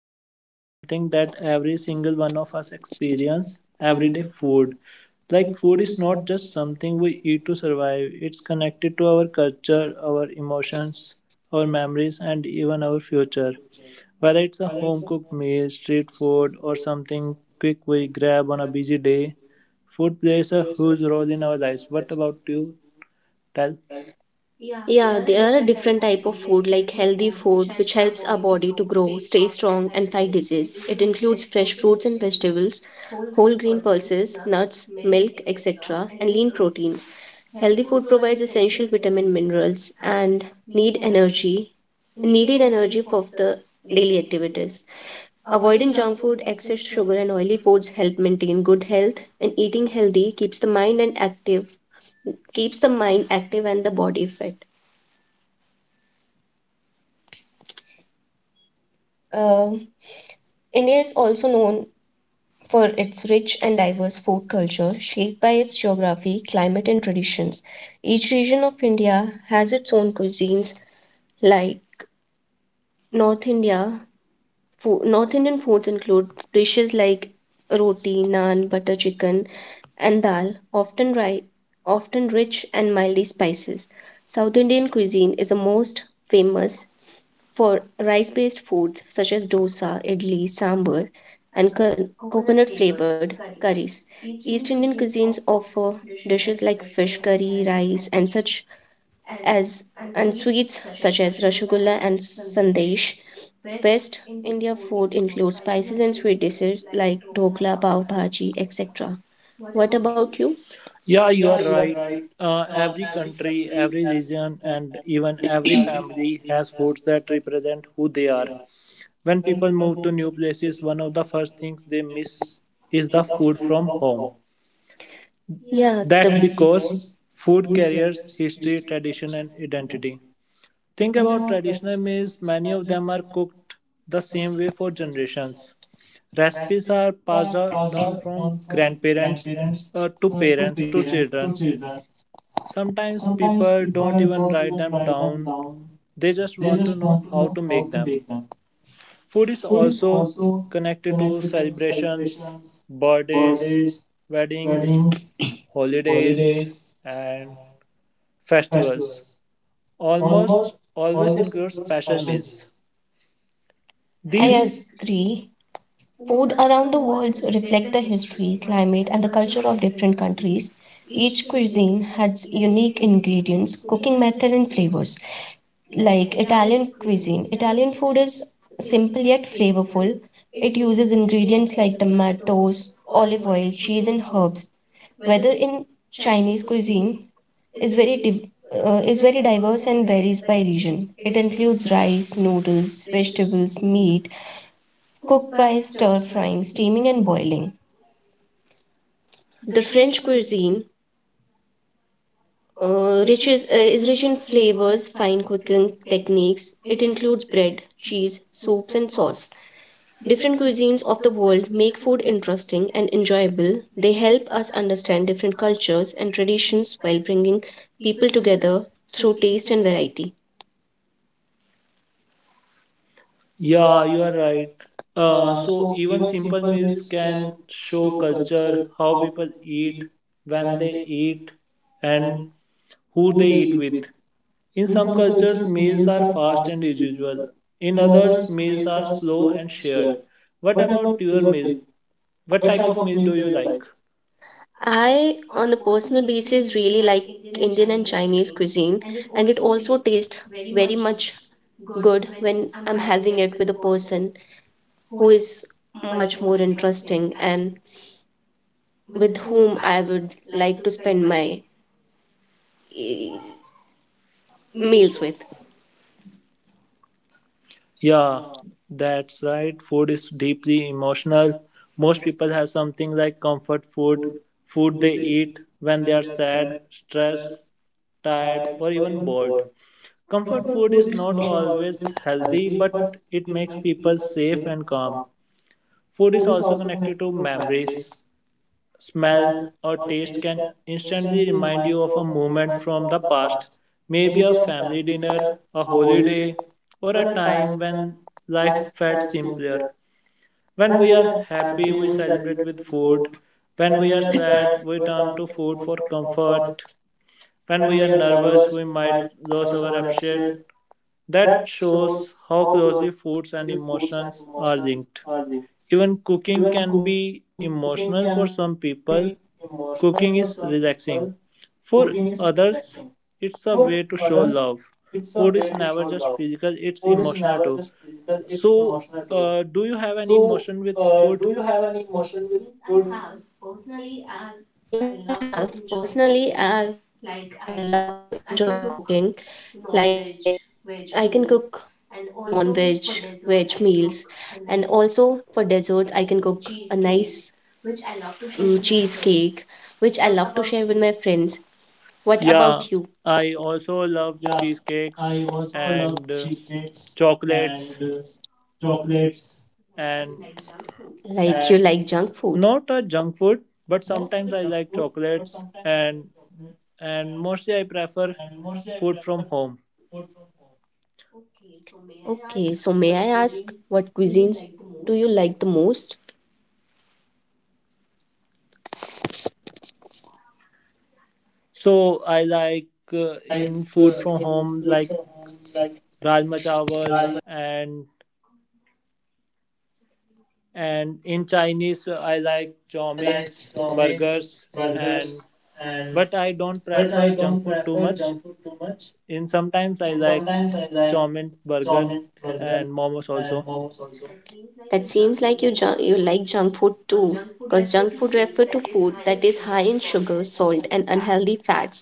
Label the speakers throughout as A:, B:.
A: talk about something that every single one of us experience everyday food. Like, food is not just something we eat to survive, it's connected to our culture, our emotions, our memories, and even our future. Whether it's a home cooked meal, street food, or something quick we grab on a busy day, food plays a huge role in our lives. What about you? Tell.
B: Yeah, there are a different type of food like healthy food which helps our body to grow, stay strong and fight disease. It includes fresh fruits and vegetables, whole grain pulses, nuts, milk, etc. and lean proteins. Healthy food provides essential vitamin minerals and need energy, needed energy for the daily activities. Avoiding junk food, excess sugar and oily foods help maintain good health and eating healthy keeps the mind active and the body fit. Uh, India is also known for its rich and diverse food culture, shaped by its geography, climate, and traditions. Each region of India has its own cuisines, like North India. North Indian foods include dishes like roti, naan, butter chicken, and dal, often rich and mildly spices. South Indian cuisine is the most famous for rice based foods such as dosa, idli, sambar, and coconut flavored curries. East Indian cuisines offer dishes like fish curry, rice, as and sweets such as rasgulla and sandesh. West India food includes spices and sweet dishes like dhokla, pav bhaji, etc. What about you?
A: Yeah, you are right. Every country, every region, and even every family has foods that represent who they are. When people move to new places, one of the first things they miss is the food from home. That's
B: Yes.
A: because food carries history, tradition, and identity. Think about traditional meals, many of them are cooked the same way for generations. Recipes are passed down from grandparents to parents to children. Sometimes people don't even write them down, they just want to know how to make them. Food is also connected to celebrations, birthdays, weddings, holidays, and festivals. Almost always includes special meals.
B: I
A: These
B: please. Agree. Food around the world reflect the history, climate, and the culture of different countries. Each cuisine has unique ingredients, cooking method, and flavors. Like Italian cuisine, Italian food is simple yet flavorful. It uses ingredients like tomatoes, olive oil, cheese, and herbs. Whether in Chinese cuisine is very div- is very diverse and varies by region. It includes rice, noodles, vegetables, meat, cooked by stir frying, steaming, and boiling. The French cuisine is rich in flavors, fine cooking techniques. It includes bread, cheese, soups, and sauce. Different cuisines of the world make food interesting and enjoyable. They help us understand different cultures and traditions while bringing people together through taste and variety.
A: yeah, you are right. So even simple meals can show culture, how people eat, when they eat, and who they eat with. In some cultures, meals are fast and usual. In others, meals are slow and shared. What about your meal? What type of meal do you like?
B: I, on a personal basis, really like Indian and Chinese cuisine, and it also tastes very much good when I'm having it with a person who is much more interesting and with whom I would like to spend my eh, meals with.
A: Yeah, that's right. Food is deeply emotional. Most people have something like comfort food, food they eat when they are sad, stressed, tired, or even bored. Comfort food is not always healthy, but it makes people safe and calm. Food is also connected to memories. Smell, or taste can instantly remind you of a moment from the past, maybe a family dinner, a holiday, or a time when life felt simpler. When we are happy, we celebrate with food. When we are sad, we turn to food for comfort. When we are nervous, we might lose our appetite. That shows how closely foods and emotions are linked. Even cooking can be emotional for some people. Cooking is relaxing; for others it's a way to show love. Food is never just physical, it's emotional too. So, do you have any emotion with food?
B: Yes, I have. Personally, I love to enjoy cooking. Like I can cook non-veg, veg meals, and also for desserts I can cook a nice cheesecake, which I love to share with my friends. What about you?
A: Yeah, I also love cheesecakes and chocolates and
B: Like you like junk food?
A: not a junk food, but sometimes I like chocolates and mostly I prefer food from home.
B: Okay, so may I ask what cuisines do you like the most?
A: So I like in food from home like rajma chawal and in Chinese I like chow mains, burgers and but I don't prefer junk food too much. In sometimes I like chow mein burger and momos also.
B: That seems like you like junk food too, because junk food refer to food that is high in sugar, salt, and unhealthy fats,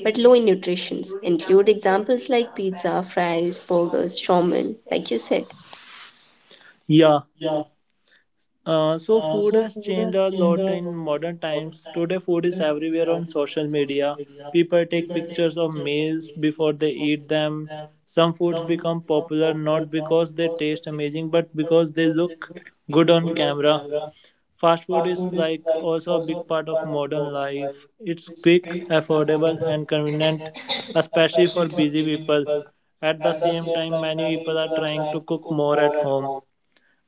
B: but low in nutrition. Include examples like pizza, fries, burgers, shawarma, like you said.
A: Yeah. So food has changed a lot in modern times. Today, food is everywhere on social media. People take pictures of meals before they eat them. Some foods become popular not because they taste amazing, but because they look good on camera. Fast food is like also a big part of modern life. It's quick, affordable, and convenient, especially for busy people. At the same time, many people are trying to cook more at home.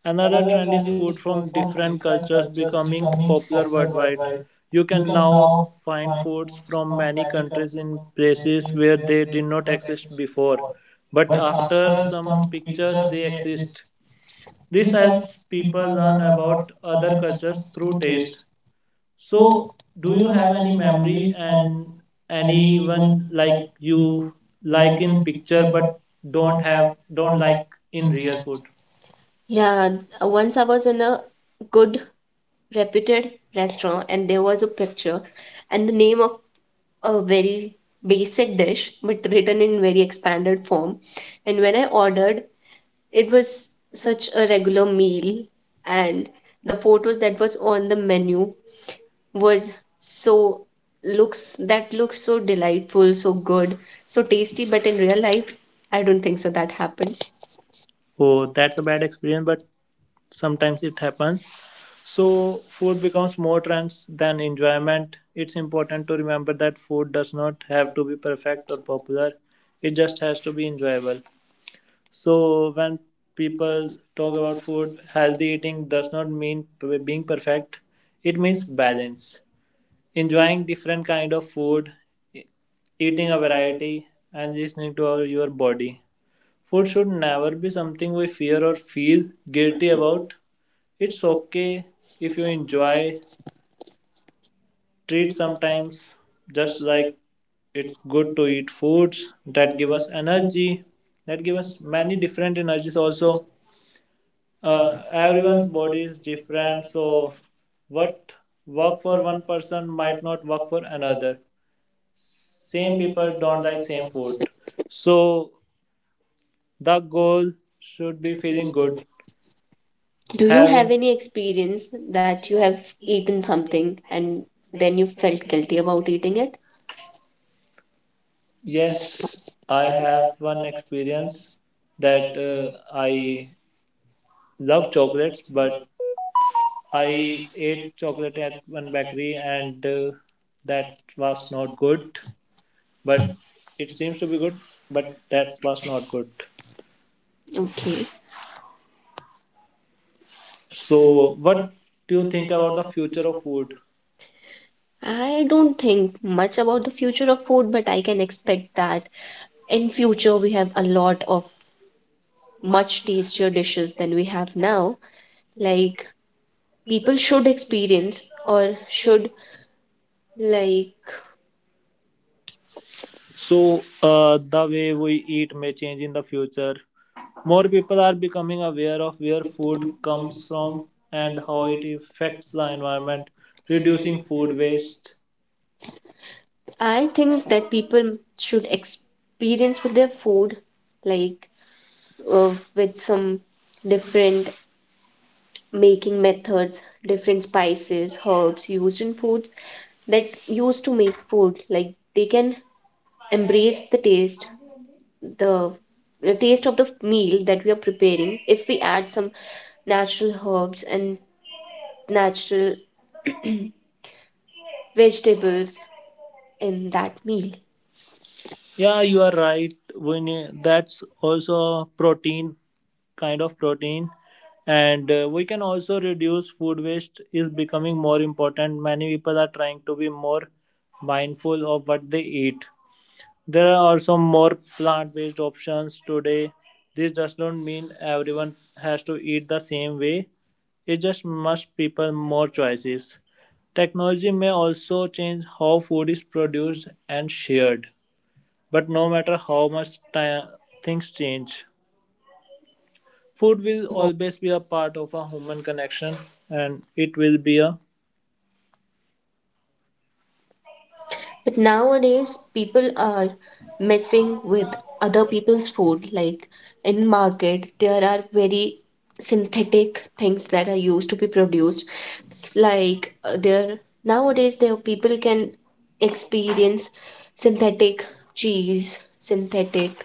A: Another trend is food from different cultures becoming popular worldwide. You can now find foods from many countries in places where they did not exist before, but after some pictures they exist. This helps people learn about other cultures through taste. So, do you have any memory and anyone like you like in picture but don't like in real food?
B: Yeah, once I was in a good reputed restaurant and there was a picture and the name of a very basic dish but written in very expanded form and when I ordered it was such a regular meal and the photos that was on the menu was so looks so delightful, so good, so tasty, but in real life I don't think so that happened.
A: Oh, that's a bad experience, but sometimes it happens. So food becomes more trends than enjoyment, it's important to remember that food does not have to be perfect or popular, it just has to be enjoyable. So when people talk about food, healthy eating does not mean being perfect, it means balance, enjoying different kind of food, e- eating a variety, and listening to your body. Food should never be something we fear or feel guilty about. It's okay if you enjoy treats sometimes, just like it's good to eat foods that give us energy, that give us many different energies also. Everyone's body is different, so what work for one person might not work for another. Same people don't like same food. So the goal should be feeling good.
B: Do you
A: Having.
B: have any experience that you have eaten something and then you felt guilty about eating it?
A: Yes, I have one experience that I love chocolates, but I ate chocolate at one bakery and that was not good. But it seems to be good, but that was not good.
B: Okay.
A: So, what do you think about the future of food?
B: I don't think much about the future of food, but I can expect that in future we have a lot of much tastier dishes than we have now. Like people should experience or should like
A: So, the way we eat may change in the future. More people are becoming aware of where food comes from and how it affects the environment, reducing food waste.
B: I think that people should experience with their food like with some different making methods, different spices, herbs used in foods that used to make food like they can embrace the the taste of the meal that we are preparing if we add some natural herbs and natural vegetables in that meal.
A: Yeah, you are right. We need, that's also protein, kind of protein. And we can also reduce food waste is becoming more important. Many people are trying to be more mindful of what they eat. There are also more plant-based options today. This does not mean everyone has to eat the same way. It just gives people more choices. Technology may also change how food is produced and shared. But no matter how much time things change, food will always be a part of a human connection and it will be a
B: But nowadays, people are messing with other people's food. Like in market, there are very synthetic things that are used to be produced. It's like there people can experience synthetic cheese, synthetic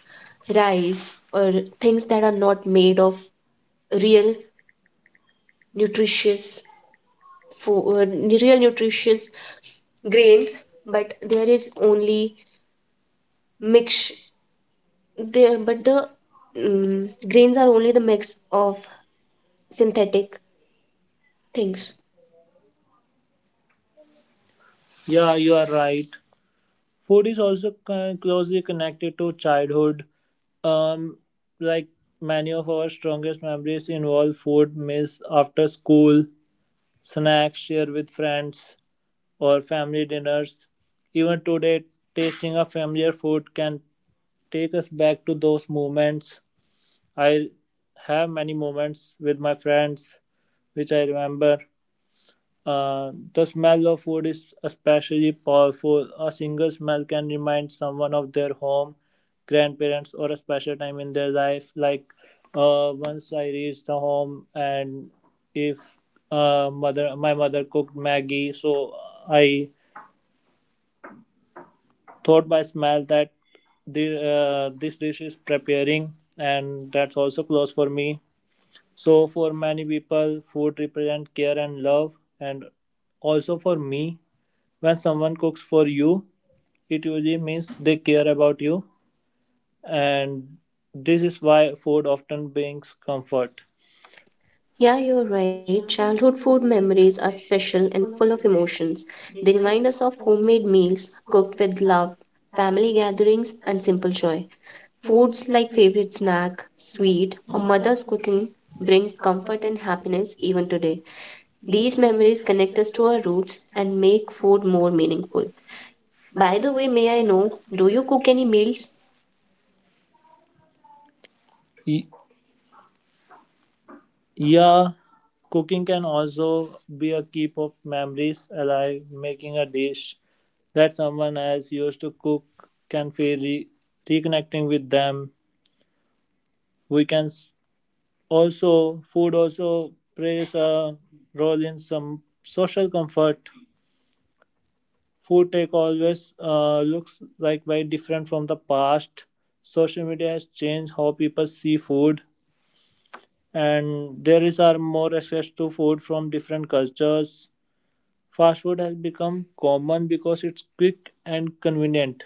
B: rice, or things that are not made of real nutritious food, real nutritious grains. But there is only mix. They but the mm, Grains are only the mix of synthetic things.
A: yeah, you are right. Food is also closely connected to childhood. Um, like many of our strongest memories involve food meals after school, snacks shared with friends, or family dinners. Even today, tasting a familiar food can take us back to those moments. I have many moments with my friends which I remember. The smell of food is especially powerful. A single smell can remind someone of their home, grandparents, or a special time in their life. Like once I reached the home, and if my mother cooked Maggie, so I thought by smell that this dish is preparing, and that's also close for me. So for many people, food represents care and love, and also for me, when someone cooks for you, it usually means they care about you, and this is why food often brings comfort.
B: Yeah, you're right. Childhood food memories are special and full of emotions. They remind us of homemade meals cooked with love, family gatherings, and simple joy. Foods like favorite snack, sweet, or mother's cooking bring comfort and happiness even today. These memories connect us to our roots and make food more meaningful. By the way, may I know, do you cook any meals?
A: Y- Yeah, cooking can also be a keep of memories alive. Making a dish that someone else used to cook can feel reconnecting with them. We can s- also Food also plays a role in some social comfort. Food tech always looks like very different from the past. Social media has changed how people see food, and there is are more access to food from different cultures. Fast food has become common because it's quick and convenient.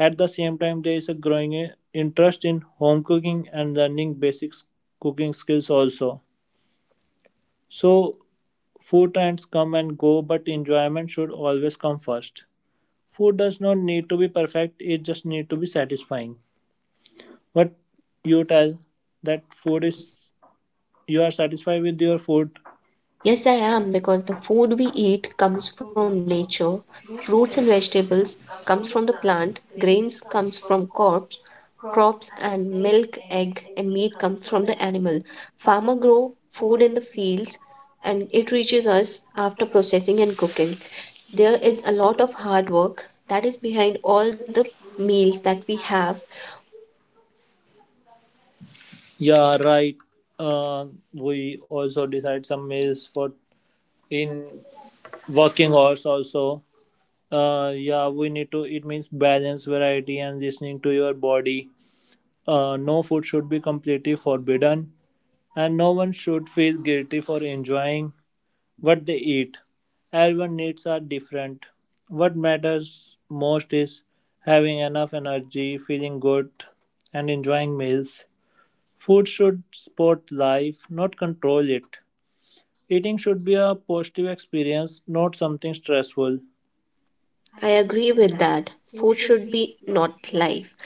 A: At the same time, there is a growing interest in home cooking and learning basic cooking skills also. So food trends come and go, but enjoyment should always come first. Food does not need to be perfect, it just need to be satisfying. But you tell that food is you are satisfied with your food.
B: Yes, I am, because the food we eat comes from nature. Fruits and vegetables comes from the plant, grains comes from crops, crops and milk, egg and meat comes from the animal. Farmer grow food in the fields and it reaches us after processing and cooking. There is a lot of hard work that is behind all the meals that we have.
A: Yeah, right. Uh, we also decide some meals for in working hours also. Yeah, we need to. It means balance, variety, and listening to your body. No food should be completely forbidden, and no one should feel guilty for enjoying what they eat. Everyone needs are different. What matters most is having enough energy, feeling good, and enjoying meals. Food should support life, not control it. Eating should be a positive experience, not something stressful.
B: I agree with that. Food should be not life,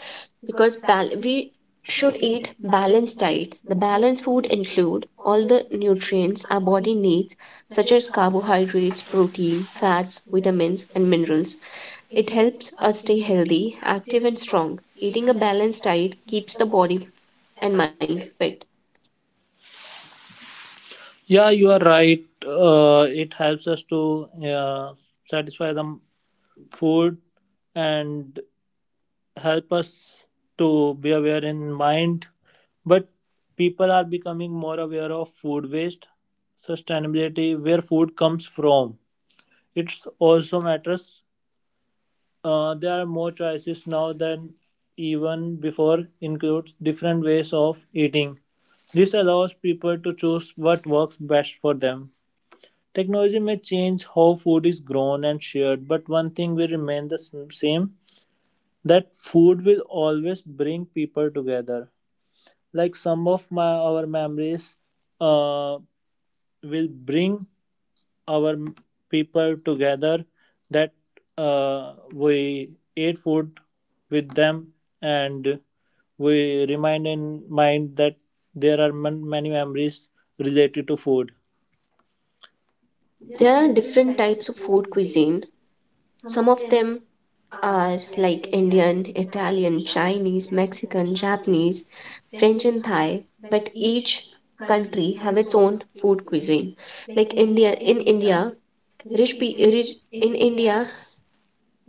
B: because we should eat balanced diet. The balanced food include all the nutrients our body needs such as carbohydrates, protein, fats, vitamins and minerals. It helps us stay healthy, active and strong. Eating a balanced diet keeps the body and mind fit.
A: Yeah, you are right. It helps us to satisfy the food and help us to be aware in mind, but people are becoming more aware of food waste, sustainability, where food comes from. It's also matters. Uh, there are more choices now than even before, includes different ways of eating. This allows people to choose what works best for them. Technology may change how food is grown and shared, but one thing will remain the same, that food will always bring people together. Like some of my our memories uh, will bring our m- people together, that we ate food with them, and we remind in mind that there are many memories related to food.
B: There are different types of food cuisine. Some of them are like Indian, Italian, Chinese, Mexican, Japanese, French and Thai, but each country have its own food cuisine. Like India in India, rich, pe- rich In India,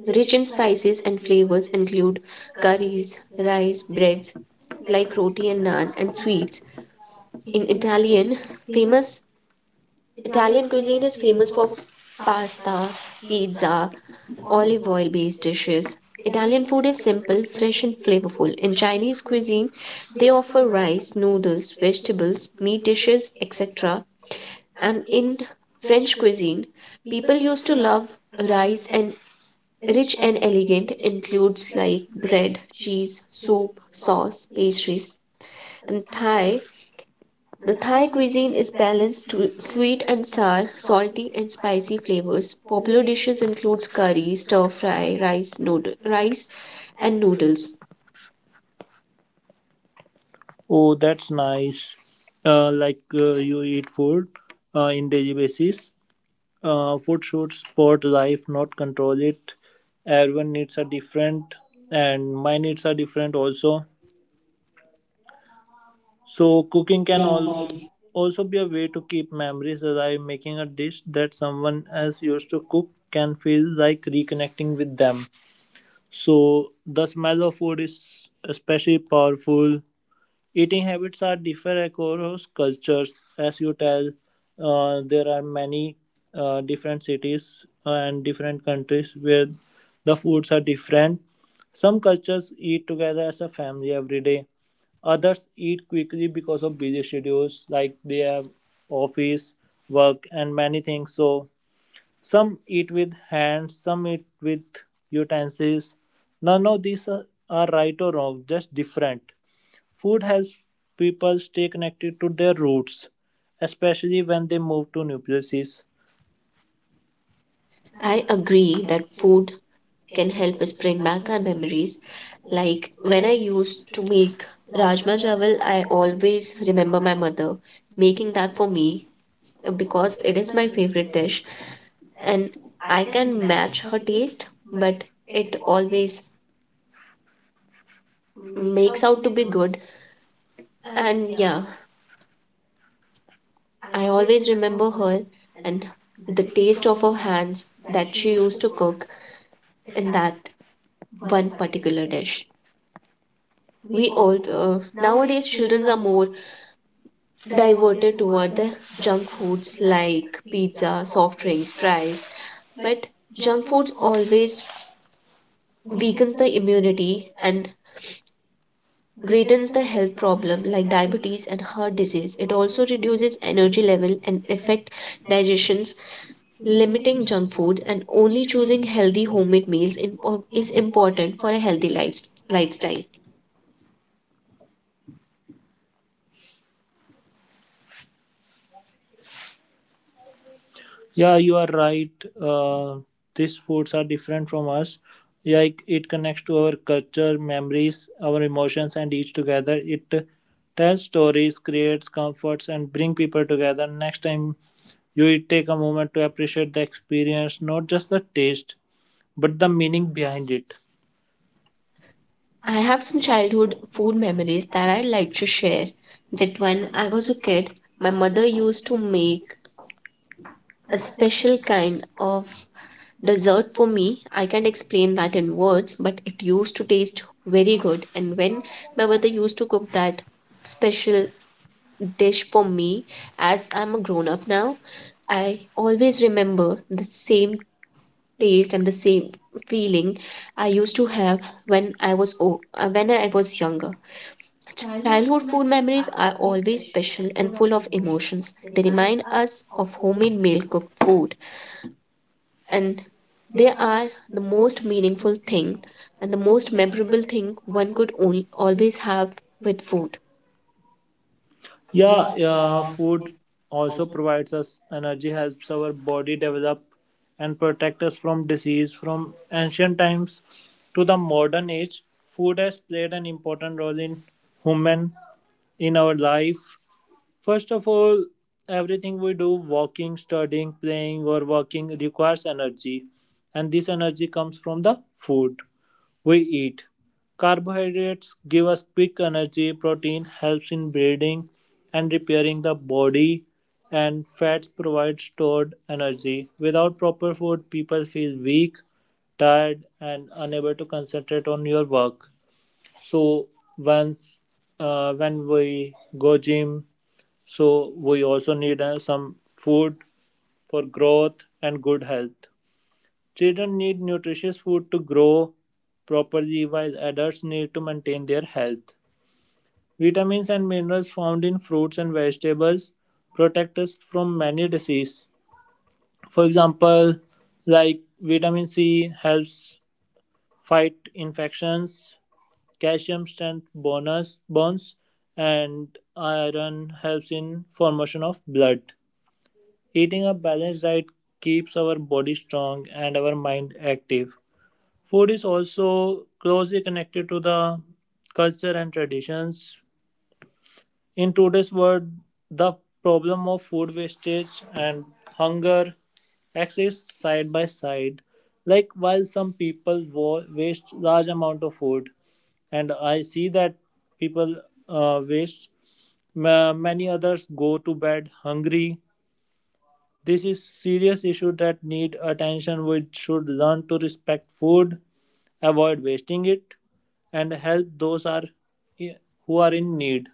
B: rich in spices and flavors include curries, rice, breads like roti and naan and sweets. In Italian, famous Italian cuisine is famous for pasta, pizza, olive oil based dishes. Italian food is simple, fresh, and flavorful. In Chinese cuisine, they offer rice, noodles, vegetables, meat dishes, etc. And in French cuisine, people used to love rice and rich and elegant includes like bread, cheese, soup, sauce, pastries, and Thai cuisine is balanced to sweet and sour, salty and spicy flavors. Popular dishes include curry, stir fry, rice and noodles.
A: Oh, that's nice. Like you eat food in daily basis. Food should support life, not control it. Everyone needs are different, and my needs are different also. So cooking can also be a way to keep memories alive. Making a dish that someone else used to cook can feel like reconnecting with them. So the smell of food is especially powerful. Eating habits are different across cultures. As you tell, there are many different cities and different countries where the foods are different. Some cultures eat together as a family every day. Others eat quickly because of busy schedules, like they have office, work, and many things. So some eat with hands, some eat with utensils. None of these are right or wrong, just different. Food helps people stay connected to their roots, especially when they move to new places.
B: I agree that food can help us bring back our memories. Like when I used to make rajma chawal, I always remember my mother making that for me because it is my favorite dish and I can match her taste, but it always makes out to be good. And yeah, I always remember her and the taste of her hands that she used to cook in that one particular dish. We all Nowadays children are more diverted toward the junk foods like pizza, soft drinks, fries, but junk foods always weakens the immunity and greatens the health problem like diabetes and heart disease. It also reduces energy level and affect digestion. Limiting junk food and only choosing healthy homemade meals in, is important for a healthy lifestyle.
A: Yeah, you are right. Uh, these foods are different from us. Like it connects to our culture, memories, our emotions, and each together. It tells stories, creates comforts, and bring people together. Next time you eat, take a moment to appreciate the experience, not just the taste, but the meaning behind it.
B: I have some childhood food memories that I'd like to share. That when I was a kid, my mother used to make a special kind of dessert for me. I can't explain that in words, but it used to taste very good. And when my mother used to cook that special dish for me, as I'm a grown up now, I always remember the same taste and the same feeling I used to have when when I was younger. Childhood food memories are always special and full of emotions. They remind us of homemade meal cooked food and they are the most meaningful thing and the most memorable thing one could only, always have with food.
A: Yeah, yeah, food also provides us energy, helps our body develop, and protect us from disease. From ancient times to the modern age, food has played an important role in human in our life. First of all, everything we do, walking, studying, playing, or working, requires energy, and this energy comes from the food we eat. Carbohydrates give us quick energy, protein helps in building and repairing the body, and fats provide stored energy. Without proper food, people feel weak, tired, and unable to concentrate on your work. So when when we go gym, so we also need some food for growth and good health. Children need nutritious food to grow properly while adults need to maintain their health. Vitamins and minerals found in fruits and vegetables protect us from many diseases. For example, like vitamin C helps fight infections, calcium strength bonus bones, and iron helps in formation of blood. Eating a balanced diet keeps our body strong and our mind active. Food is also closely connected to the culture and traditions. In today's world, the problem of food wastage and hunger exists side by side. Like while some people waste large amount of food, and I see that people waste, many others go to bed hungry. This is serious issue that need attention. We should learn to respect food, avoid wasting it, and help those are who are in need,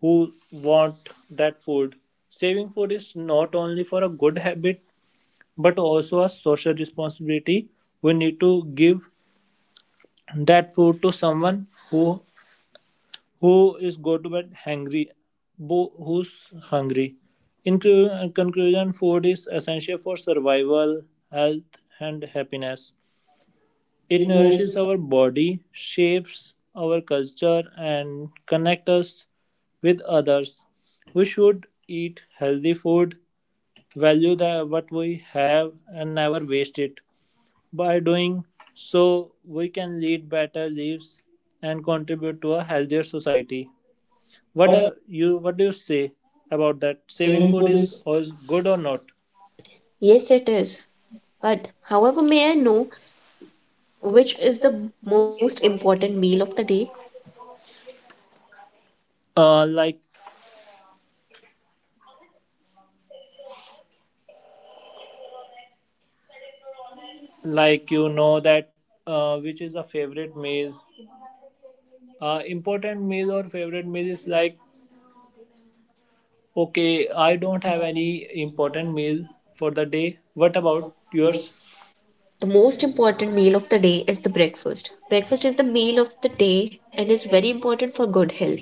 A: who want that food. Saving food is not only for a good habit but also a social responsibility. We need to give that food to someone who is go to bed hungry, who's hungry. In conclusion, food is essential for survival, health, and happiness. It nourishes our body, shapes our culture, and connects us with others. We should eat healthy food, value the, what we have, and never waste it. By doing so, we can lead better lives and contribute to a healthier society. What are you? What do you say about that? Saving food is always good or not?
B: Yes, it is. But however, may I know which is the most important meal of the day?
A: Uh, like, like you know that which is a favorite meal, important meal or favorite meal is like, okay, I don't have any important meal for the day. What about yours?
B: The most important meal of the day is the breakfast. Breakfast is the meal of the day and is very important for good health.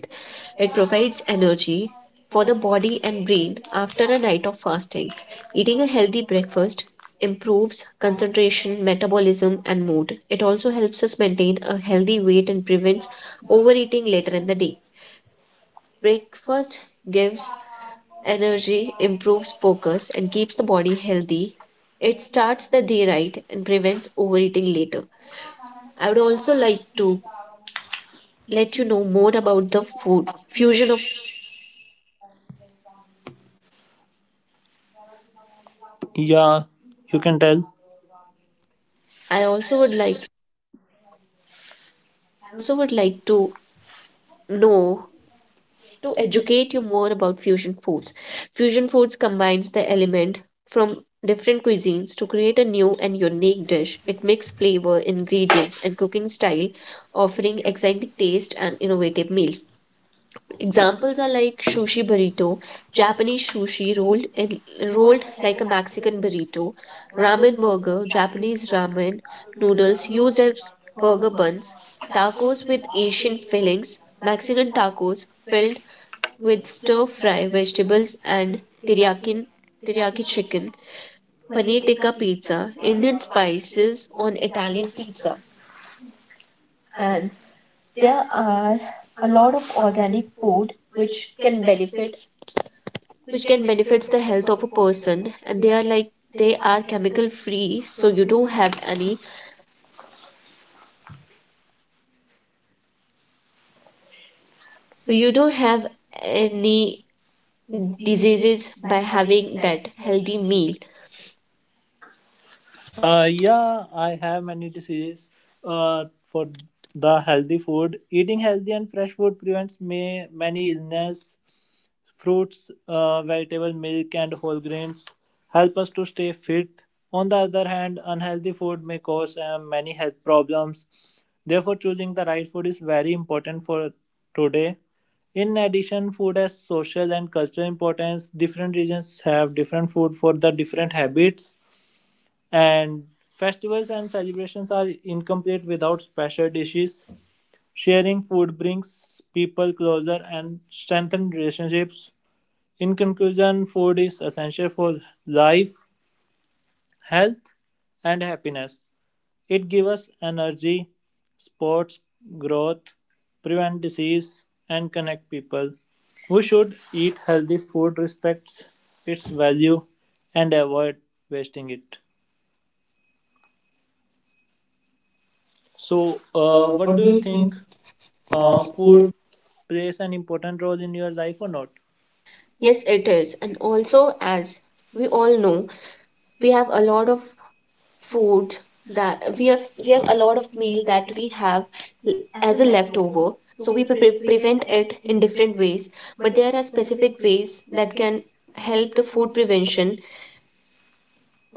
B: It provides energy for the body and brain after a night of fasting. Eating a healthy breakfast improves concentration, metabolism, and mood. It also helps us maintain a healthy weight and prevents overeating later in the day. Breakfast gives energy, improves focus, and keeps the body healthy. It starts the day right and prevents overeating later. I would also like to let you know more about the food fusion of
A: Yeah, you can tell.
B: I also would like I also would like to know to educate you more about fusion foods. Fusion foods combines the element from different cuisines to create a new and unique dish. It mixes flavor, ingredients, and cooking style, offering exciting taste and innovative meals. Examples are like sushi burrito, Japanese sushi rolled in, rolled like a Mexican burrito, ramen burger, Japanese ramen noodles used as burger buns, tacos with Asian fillings, Mexican tacos filled with stir fry vegetables and teriyaki teriyaki chicken, paneer tikka pizza, Indian spices on Italian pizza, and there are a lot of organic food which can benefits the health of a person and they are like they are chemical free, so you don't have any diseases by having that healthy meal.
A: Yeah, I have many diseases. For the healthy food, eating healthy and fresh food prevents may, many illness. Fruits, vegetable milk, and whole grains help us to stay fit. On the other hand, unhealthy food may cause many health problems. Therefore, choosing the right food is very important for today. In addition, food has social and cultural importance. Different regions have different food for the different habits, and festivals and celebrations are incomplete without special dishes. Sharing food brings people closer and strengthens relationships. In conclusion, food is essential for life, health, and happiness. It gives us energy, supports growth, prevents disease, and connect people. We should eat healthy food, respects its value, and avoid wasting it. So, what do you think? Food plays an important role in your life or not?
B: Yes, it is. And also, as we all know, we have a lot of food that we have a lot of meal that we have l- as a leftover. So we prevent it in different ways, but there are specific ways that can help the food prevention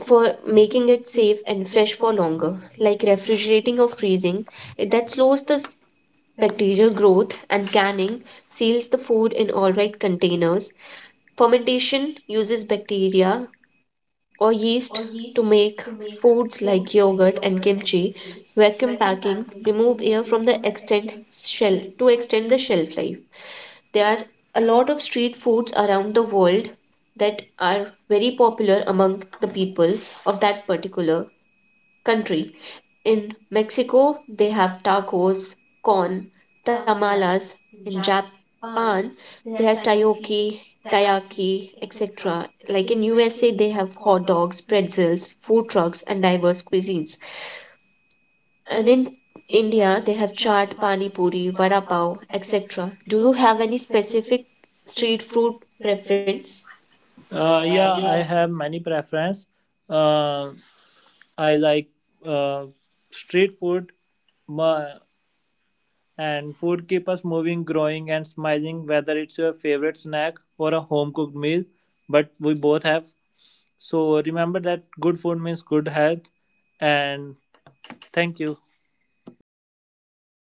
B: for making it safe and fresh for longer, like refrigerating or freezing. That slows the bacterial growth, and canning seals the food in all right containers. Fermentation uses bacteria or yeast to make foods like yogurt and kimchi. Vacuum packing remove air from the extend shell to extend the shelf life. There are a lot of street foods around the world that are very popular among the people of that particular country. In Mexico, they have tacos, corn, tamales. In Japan, they have takoyaki, taiyaki, etc. Like in USA, they have hot dogs, pretzels, food trucks, and diverse cuisines. And in India, they have chaat, pani puri, vada pav, etc. Do you have any specific street food preference?
A: Yeah, I have many preference. Uh, I like uh, street food, ma- and food keep us moving, growing and smiling, whether it's your favorite snack or a home cooked meal. But we both have, so remember that good food means good health, and thank you.